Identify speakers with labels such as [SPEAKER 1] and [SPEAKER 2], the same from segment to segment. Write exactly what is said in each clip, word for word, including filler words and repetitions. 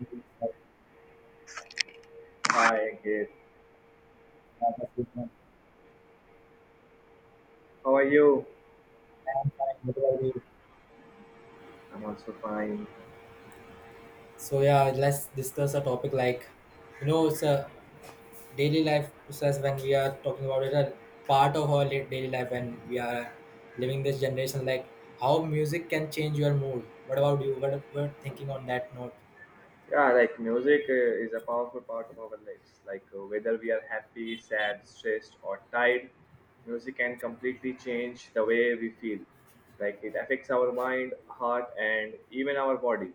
[SPEAKER 1] I'm fine.
[SPEAKER 2] Hi, Ankit. How are you?
[SPEAKER 1] What about you?
[SPEAKER 2] I'm also fine.
[SPEAKER 1] So yeah, let's discuss a topic like, you know, it's a daily life process when we are talking about it, a part of our li- daily life when we are living this generation, like how music can change your mood. What about you? What what thinking on that note?
[SPEAKER 2] Yeah, like music uh, is a powerful part of our lives. Like uh, whether we are happy, sad, stressed, or tired, music can completely change the way we feel. Like it affects our mind, heart, and even our body.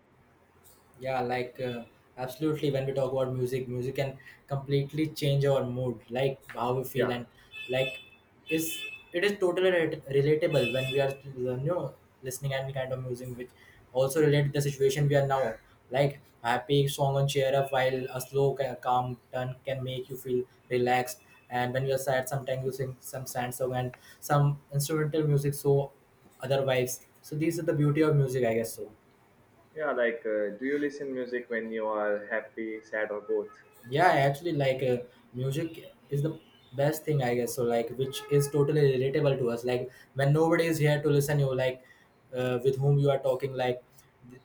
[SPEAKER 1] Yeah, like uh, absolutely. When we talk about music, music can completely change our mood, like how we feel,
[SPEAKER 2] Yeah,
[SPEAKER 1] and like is it is totally re- relatable when we are you know listening any kind of music, which also relate to the situation we are now. Like happy song on cheer up, while a slow ca- calm turn can make you feel relaxed. And when you are sad, sometimes you sing some sad song and some instrumental music, so other vibes. So these are the beauty of music, I guess so.
[SPEAKER 2] yeah. Like, uh, do you listen music when you are happy, sad, or both?
[SPEAKER 1] Yeah, I actually like uh, music is the best thing I guess so, like which is totally relatable to us, like when nobody is here to listen you, like uh, with whom you are talking, like th-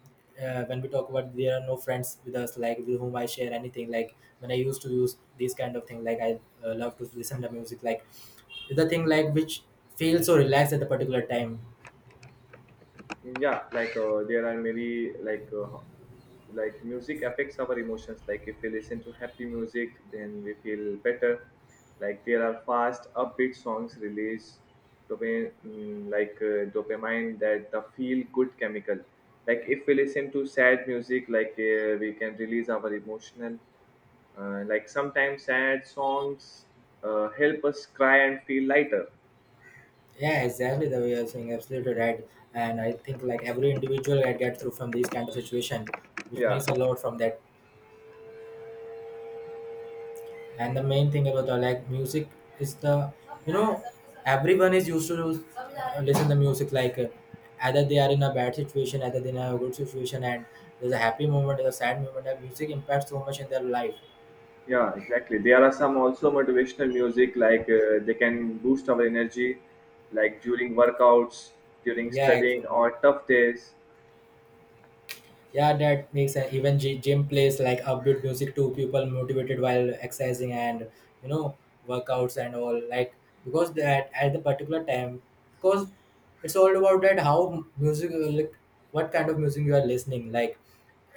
[SPEAKER 1] uh, when we talk about there are no friends with us, like with whom I share anything, like when I used to use these kind of thing, like I uh, love to listen to music, like the thing like which feels so relaxed at the particular time.
[SPEAKER 2] Yeah, like uh, there are many like uh, like music affects our emotions. Like if we listen to happy music then we feel better. Like there are fast upbeat songs release dopamine, mm, like uh, dopamine that the feel good chemical. Like if we listen to sad music, like uh, we can release our emotional uh, like sometimes sad songs uh, help us cry and feel lighter.
[SPEAKER 1] Yeah, exactly the way you're saying, absolutely right. And I think like every individual I get through from these kind of situation, which
[SPEAKER 2] Yeah.
[SPEAKER 1] means a lot from that. And the main thing about the like music is the you know everyone is used to uh, listen the music, like uh, either they are in a bad situation, either they are in a good situation, and there's a happy moment, there's a sad moment, and music impacts so much in their life.
[SPEAKER 2] Yeah, exactly. There are some also motivational music like uh, they can boost our energy, like during workouts, during
[SPEAKER 1] Yeah,
[SPEAKER 2] studying,
[SPEAKER 1] actually.
[SPEAKER 2] or tough days.
[SPEAKER 1] Yeah, that makes sense. Even gy- gym plays like upbeat music to people motivated while exercising and you know workouts and all. Like, because that at the particular time, because it's all about that how music, like what kind of music you are listening. Like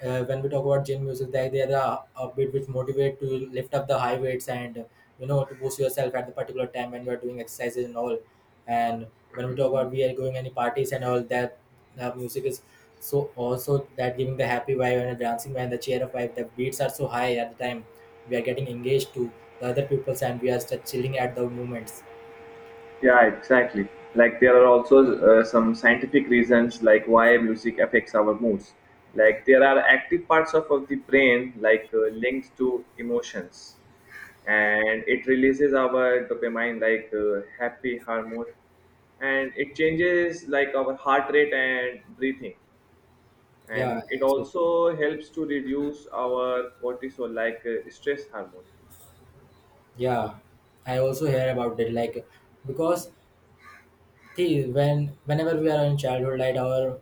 [SPEAKER 1] uh, when we talk about gym music, they, they are the a bit which motivate to lift up the high weights and you know to boost yourself at the particular time when you are doing exercises and all. And when we talk about we are going any parties and all that, the music is so also that giving the happy vibe and the dancing vibe and the cheer up vibe. The beats are so high at the time we are getting engaged to the other pupils and we are just chilling at the moments.
[SPEAKER 2] Yeah, exactly. Like there are also uh, some scientific reasons like why music affects our moods. Like there are active parts of, of the brain like uh, linked to emotions, and it releases our dopamine like uh, happy hormone, and it changes like our heart rate and breathing.
[SPEAKER 1] Yeah,
[SPEAKER 2] And it
[SPEAKER 1] absolutely.
[SPEAKER 2] also helps to reduce our cortisol like uh, stress hormone.
[SPEAKER 1] Yeah, I also hear about it, like because, see, when whenever we are in childhood, like our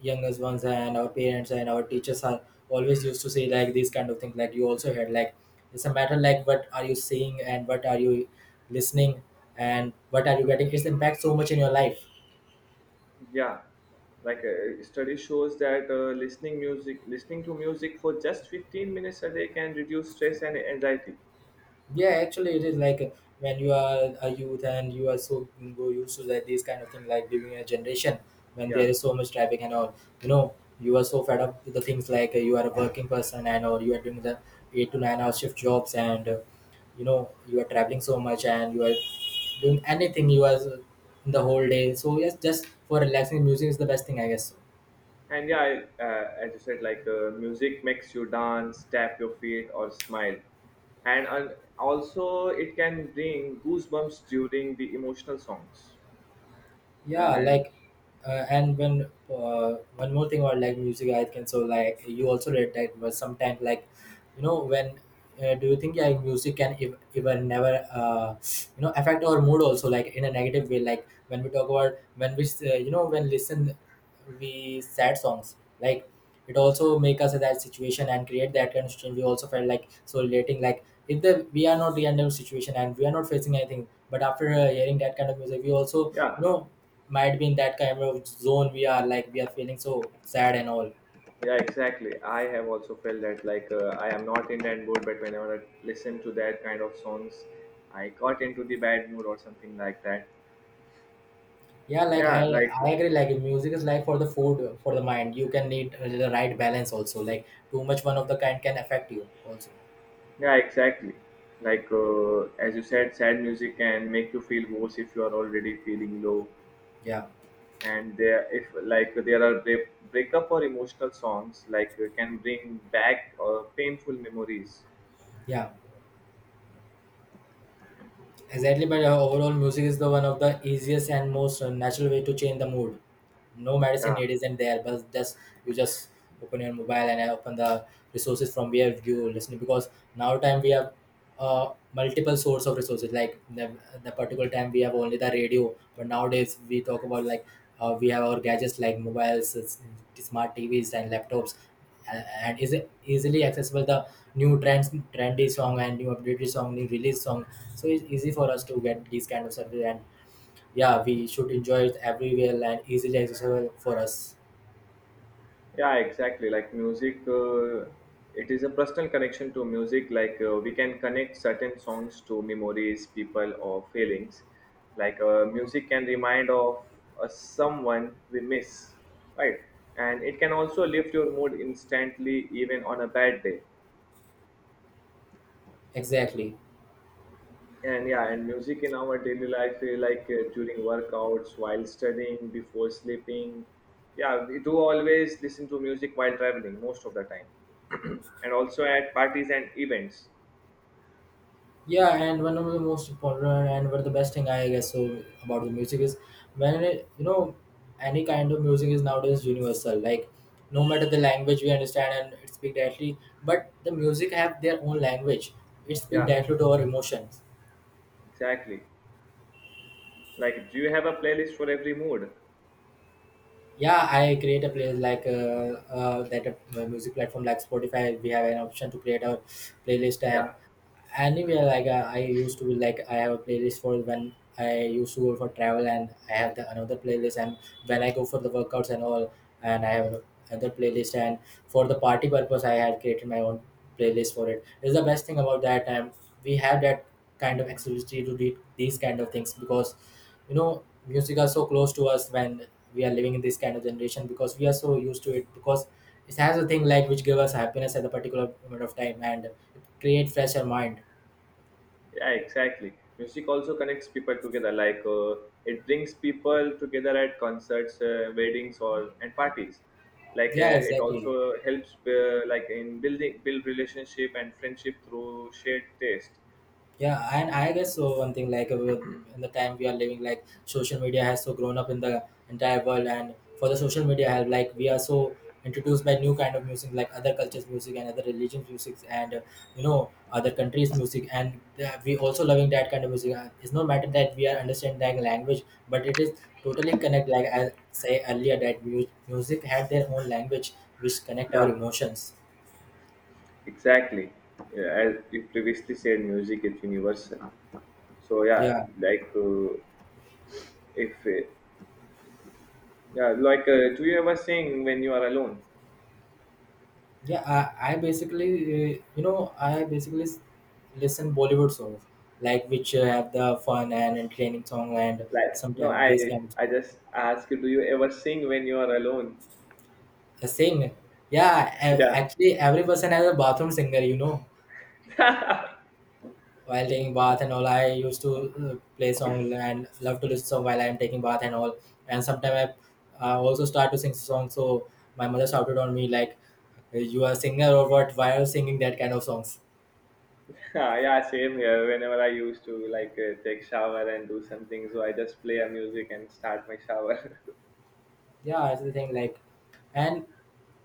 [SPEAKER 1] youngest ones and our parents and our teachers are always used to say like these kind of things. Like you also heard, like it's a matter, like what are you seeing and what are you listening and what are you getting. It's impact so much in your life.
[SPEAKER 2] Yeah, like uh, study shows that uh, listening music listening to music for just fifteen minutes a day can reduce stress and anxiety.
[SPEAKER 1] Yeah, actually, it is like uh, when you are a youth and you are so go used to that these kind of thing, like living in a generation when there
[SPEAKER 2] Yeah.
[SPEAKER 1] is so much traffic and all. You know, you are so fed up with the things like uh, you are a working person and or you are doing the eight to nine hour shift jobs and uh, you know you are traveling so much and you are doing anything you are uh, in the whole day. So yes, just for relaxing, music is the best thing, I guess.
[SPEAKER 2] And yeah, I, uh, as you said like uh, music makes you dance tap your feet or smile, and uh, also it can bring goosebumps during the emotional songs.
[SPEAKER 1] Yeah,
[SPEAKER 2] And
[SPEAKER 1] like uh, and when uh, one more thing about, like music I can so, like you also read that was sometimes, like you know when uh, do you think like music can ev- even never uh, you know affect our mood also, like in a negative way, like when we talk about when we uh, you know when listen we sad songs, like it also make us in that situation and create that kind of situation, we also felt like so relating, like if the we are not the end of situation and we are not facing anything, but after uh, hearing that kind of music, we also
[SPEAKER 2] yeah.
[SPEAKER 1] you know might be in that kind of zone, we are like we are feeling so sad and all.
[SPEAKER 2] Yeah, exactly. I have also felt that like uh, I am not in that mood, but whenever I listen to that kind of songs, I got into the bad mood or something like that.
[SPEAKER 1] Yeah, like i
[SPEAKER 2] Yeah, like
[SPEAKER 1] i agree, like music is like for the food for the mind, you can need uh, the right balance also, like too much one of the kind can affect you also.
[SPEAKER 2] yeah, exactly. Like uh, as you said, sad music can make you feel worse if you are already feeling low.
[SPEAKER 1] Yeah,
[SPEAKER 2] And there, if like there are break breakup or emotional songs, like uh, can bring back uh, painful memories.
[SPEAKER 1] yeah, exactly. But uh, overall music is the one of the easiest and most uh, natural way to change the mood. No medicine,
[SPEAKER 2] Yeah,
[SPEAKER 1] it isn't there, but just you just open your mobile and uh, open the resources from where you listening, because now time we have uh, multiple source of resources, like the, the particular time we have only the radio, but nowadays we talk about, like uh, we have our gadgets like mobiles, s- smart TVs and laptops, a- and is easily accessible the new trends, trendy song and new updated song, new release song. So it's easy for us to get these kind of services, and yeah, we should enjoy it everywhere and easily accessible for us.
[SPEAKER 2] yeah, exactly. Like music uh, it is a personal connection to music. Like uh, we can connect certain songs to memories people or feelings. Like uh, music can remind of uh, someone we miss, right? And it can also lift your mood instantly even on a bad day.
[SPEAKER 1] Exactly.
[SPEAKER 2] And yeah, and music in our daily life, eh, like uh, during workouts while studying before sleeping. Yeah, we do always listen to music while traveling most of the time, and also at parties and events.
[SPEAKER 1] Yeah, and one of the most important and one of the best thing I guess so about the music is when it, you know any kind of music is nowadays universal. Like no matter the language we understand and it speak directly, but the music have their own language. It speak
[SPEAKER 2] Yeah,
[SPEAKER 1] directly to our emotions.
[SPEAKER 2] exactly. Like, do you have a playlist for every mood?
[SPEAKER 1] Yeah, I create a place, like uh, uh, that uh, music platform like Spotify, we have an option to create a playlist. And
[SPEAKER 2] Yeah,
[SPEAKER 1] anywhere, like uh, I used to be, like I have a playlist for when I used to go for travel, and I have the another playlist, and when I go for the workouts and all, and I have another playlist, and for the party purpose I had created my own playlist for it. It's the best thing about that. And we have that kind of exclusivity to do these kind of things, because you know music are so close to us when we are living in this kind of generation, because we are so used to it, because it has a thing like which give us happiness at a particular moment of time, and it create fresher mind.
[SPEAKER 2] yeah, exactly. Music also connects people together. Like, uh, it brings people together at concerts, uh, weddings, or and parties. Like,
[SPEAKER 1] Yeah,
[SPEAKER 2] uh, it
[SPEAKER 1] exactly.
[SPEAKER 2] also helps, uh, like, in building build relationship and friendship through shared taste.
[SPEAKER 1] Yeah, and I guess so. One thing like uh, with- in the time we are living, like social media has so grown up in the entire world, and for the social media help, like we are so introduced by new kind of music, like other cultures' music and other religions' music, and uh, you know other countries' music, and uh, we also loving that kind of music. Uh, It's no matter that we are understanding language, but it is totally connect. Like I say earlier, that mu- music had their own language which connect our
[SPEAKER 2] Yeah,
[SPEAKER 1] emotions.
[SPEAKER 2] exactly. Yeah, as you previously said, music is universal. So yeah,
[SPEAKER 1] Yeah.
[SPEAKER 2] like uh, if uh, yeah, like uh, do you ever sing when you are alone?
[SPEAKER 1] Yeah, I, I basically, uh, you know, I basically s- listen Bollywood songs, like which uh, have the fun and entertaining song, and
[SPEAKER 2] Like no,
[SPEAKER 1] sometimes this
[SPEAKER 2] I
[SPEAKER 1] kind
[SPEAKER 2] I just ask you, do you ever sing when you are alone?
[SPEAKER 1] of uh, sing. Yeah, a-
[SPEAKER 2] Yeah,
[SPEAKER 1] actually, every person has a bathroom singer, you know. While taking bath and all, I used to uh, play song and love to listen song while I'm taking bath and all. And sometimes I uh, also start to sing song. So my mother shouted on me like, "You are a singer or what? Why are you singing that kind of songs?"
[SPEAKER 2] yeah, same here. Whenever I used to like uh, take shower and do something, so I just play a music and start my shower.
[SPEAKER 1] Yeah, that's the thing, like, and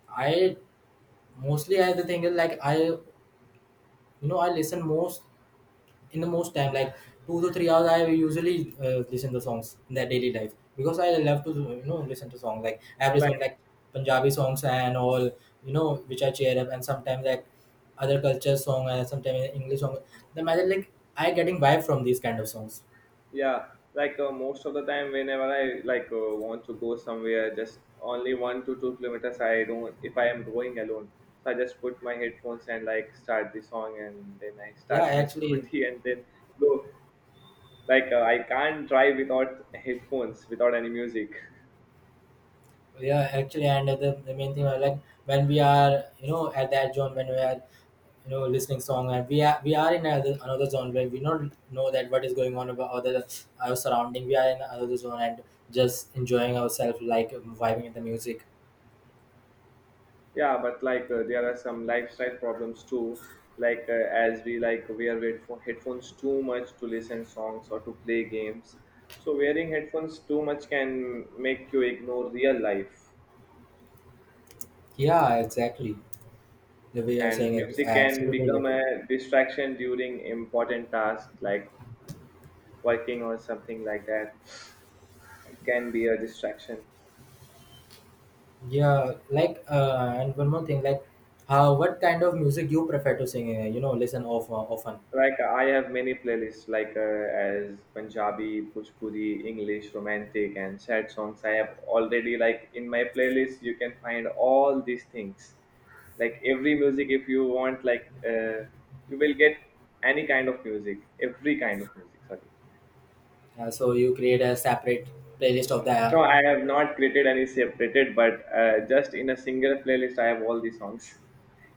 [SPEAKER 1] I mostly I the thing is like I you know I listen most in the most time, like two to three hours I usually uh, listen the songs in their daily life, because I love to you know listen to songs, like
[SPEAKER 2] Well,
[SPEAKER 1] every
[SPEAKER 2] like
[SPEAKER 1] song like Punjabi songs and all, you know which I cheer up, and sometimes like other culture song and sometimes English song, the matter like I getting vibe from these kind of songs.
[SPEAKER 2] yeah, like uh, most of the time, whenever I like uh, want to go somewhere, just only one to two kilometers. I don't if I am going alone, so I just put my headphones and like start the song, and then I
[SPEAKER 1] Yeah,
[SPEAKER 2] start my
[SPEAKER 1] actually.
[SPEAKER 2] scooty and then go. Like uh, I can't drive without headphones without any music.
[SPEAKER 1] Yeah, actually. And the, the main thing I like, when we are you know at that zone, when we are you know listening song, and we are we are in another, another zone where we don't know that what is going on about other our surrounding, we are in another zone, and just enjoying ourselves, like vibing in the music.
[SPEAKER 2] Yeah, but like uh, there are some lifestyle problems too. Like uh, as we like wear headpho- headphones too much to listen songs or to play games, so wearing headphones too much can make you ignore real life.
[SPEAKER 1] Yeah, exactly, the way you're
[SPEAKER 2] And
[SPEAKER 1] saying it, I
[SPEAKER 2] music can
[SPEAKER 1] absolutely
[SPEAKER 2] become
[SPEAKER 1] get it.
[SPEAKER 2] a distraction during important tasks like working or something like that. It can be a distraction.
[SPEAKER 1] Yeah, like uh, and one more thing, like how what kind of music you prefer to sing, uh, you know listen of uh, often.
[SPEAKER 2] Like I have many playlists, like uh, as Punjabi, Bhojpuri, English, romantic, and sad songs. I have already like in my playlist. You can find all these things, like every music. If you want, like uh, you will get any kind of music, every kind of music. Sorry,
[SPEAKER 1] Uh, so you create a separate playlist of the.
[SPEAKER 2] no, I have not created any separated, but uh, just in a single playlist, I have all the songs.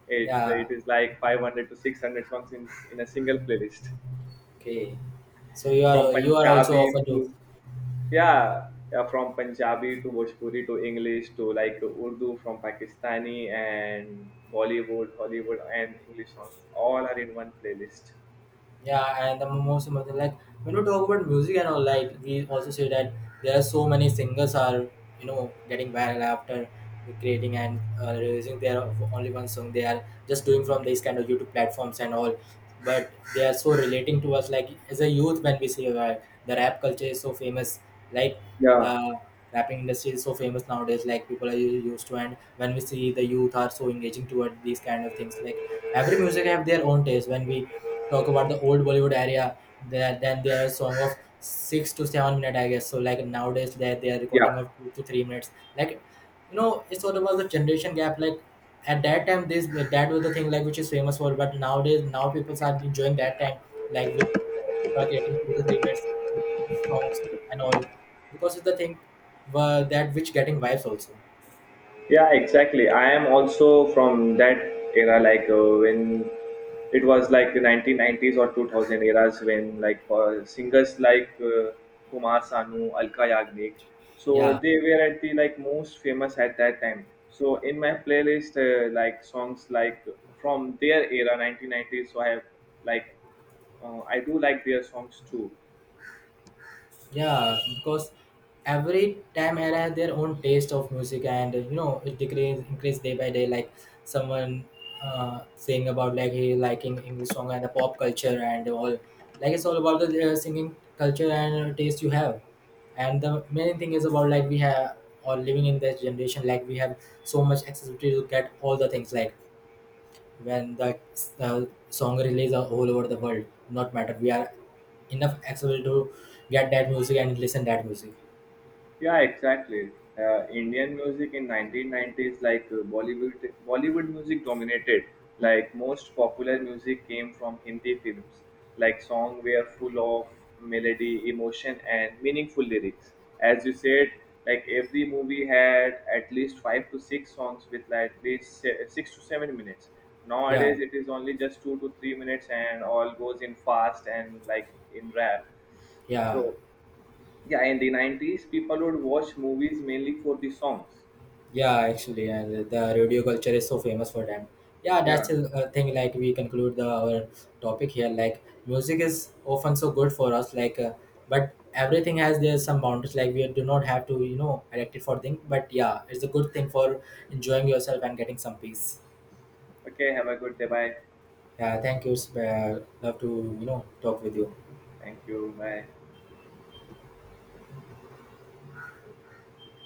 [SPEAKER 2] It
[SPEAKER 1] Yeah.
[SPEAKER 2] it is like five hundred to six hundred songs in in a single playlist,
[SPEAKER 1] Okay. So you
[SPEAKER 2] from
[SPEAKER 1] are you are also
[SPEAKER 2] Punjabi
[SPEAKER 1] often
[SPEAKER 2] to
[SPEAKER 1] to.
[SPEAKER 2] yeah, yeah from Punjabi to Bhojpuri to English to like Urdu from Pakistani and Bollywood, Hollywood and English songs all are in one playlist.
[SPEAKER 1] Yeah, and the most important, like when we talk about music and all, like we also say that there are so many singers are you know getting viral after creating and uh, releasing their only one song. They are just doing from these kind of YouTube platforms and all, but they are so relating to us. Like as a youth, when we see uh, the rap culture is so famous, like
[SPEAKER 2] Yeah,
[SPEAKER 1] the rapping industry is so famous nowadays. Like people are u- used to, and when we see the youth are so engaging toward these kind of things, like every music have their own taste when we talk about the old Bollywood area, there then their song of six to seven minute, I guess. So like nowadays they they are
[SPEAKER 2] yeah.
[SPEAKER 1] recording of two to three minutes. Like, you know, it's all about the generation gap. Like at that time, this that was the thing like which is famous for. But nowadays, now people are enjoying that time. Like we- people are creating two to three minutes with songs and all, because it's the thing uh, that which getting vibes also.
[SPEAKER 2] Yeah, exactly. I am also from that era, like uh, when it was like the nineteen nineties or two thousand eras when like uh, singers like uh, Kumar Sanu, Alka Yagnik, so
[SPEAKER 1] Yeah.
[SPEAKER 2] they were at the like most famous at that time. So in my playlist, uh, like songs like from their era, nineteen nineties, so I have like uh, I do like their songs too.
[SPEAKER 1] Yeah, because every time had had their own taste of music, and uh, you know it decrease increase day by day. Like someone uh, saying about, like he liking English song and the pop culture and all. Like it's all about the uh, singing culture and uh, taste you have. And the main thing is about like we have or living in this generation, like we have so much accessibility to get all the things. Like when the uh, song release are all over the world, not matter we are enough accessible to get that music and listen that music.
[SPEAKER 2] Yeah, exactly. Uh, Indian music in nineteen nineties, like uh, Bollywood, Bollywood music dominated. Like most popular music came from Hindi films. Like song were full of melody, emotion, and meaningful lyrics. As you said, like every movie had at least five to six songs with like at least se- six to seven minutes.
[SPEAKER 1] Yeah,
[SPEAKER 2] Nowadays, it is only just two to three minutes, and all goes in fast and like in rap.
[SPEAKER 1] yeah,
[SPEAKER 2] So yeah, in the nineties, people would watch movies mainly for the songs.
[SPEAKER 1] yeah, actually. And the radio culture is so famous for them. Yeah,
[SPEAKER 2] Yeah.
[SPEAKER 1] that's a a thing like we conclude the our topic here, like music is often so good for us, like uh, but everything has, there's some boundaries, like we do not have to you know addict it for thing, but yeah, it's a good thing for enjoying yourself and getting some peace.
[SPEAKER 2] Okay, have a good day. Bye.
[SPEAKER 1] Yeah, thank you. It's, uh, love to you know talk with you.
[SPEAKER 2] Thank you. Bye.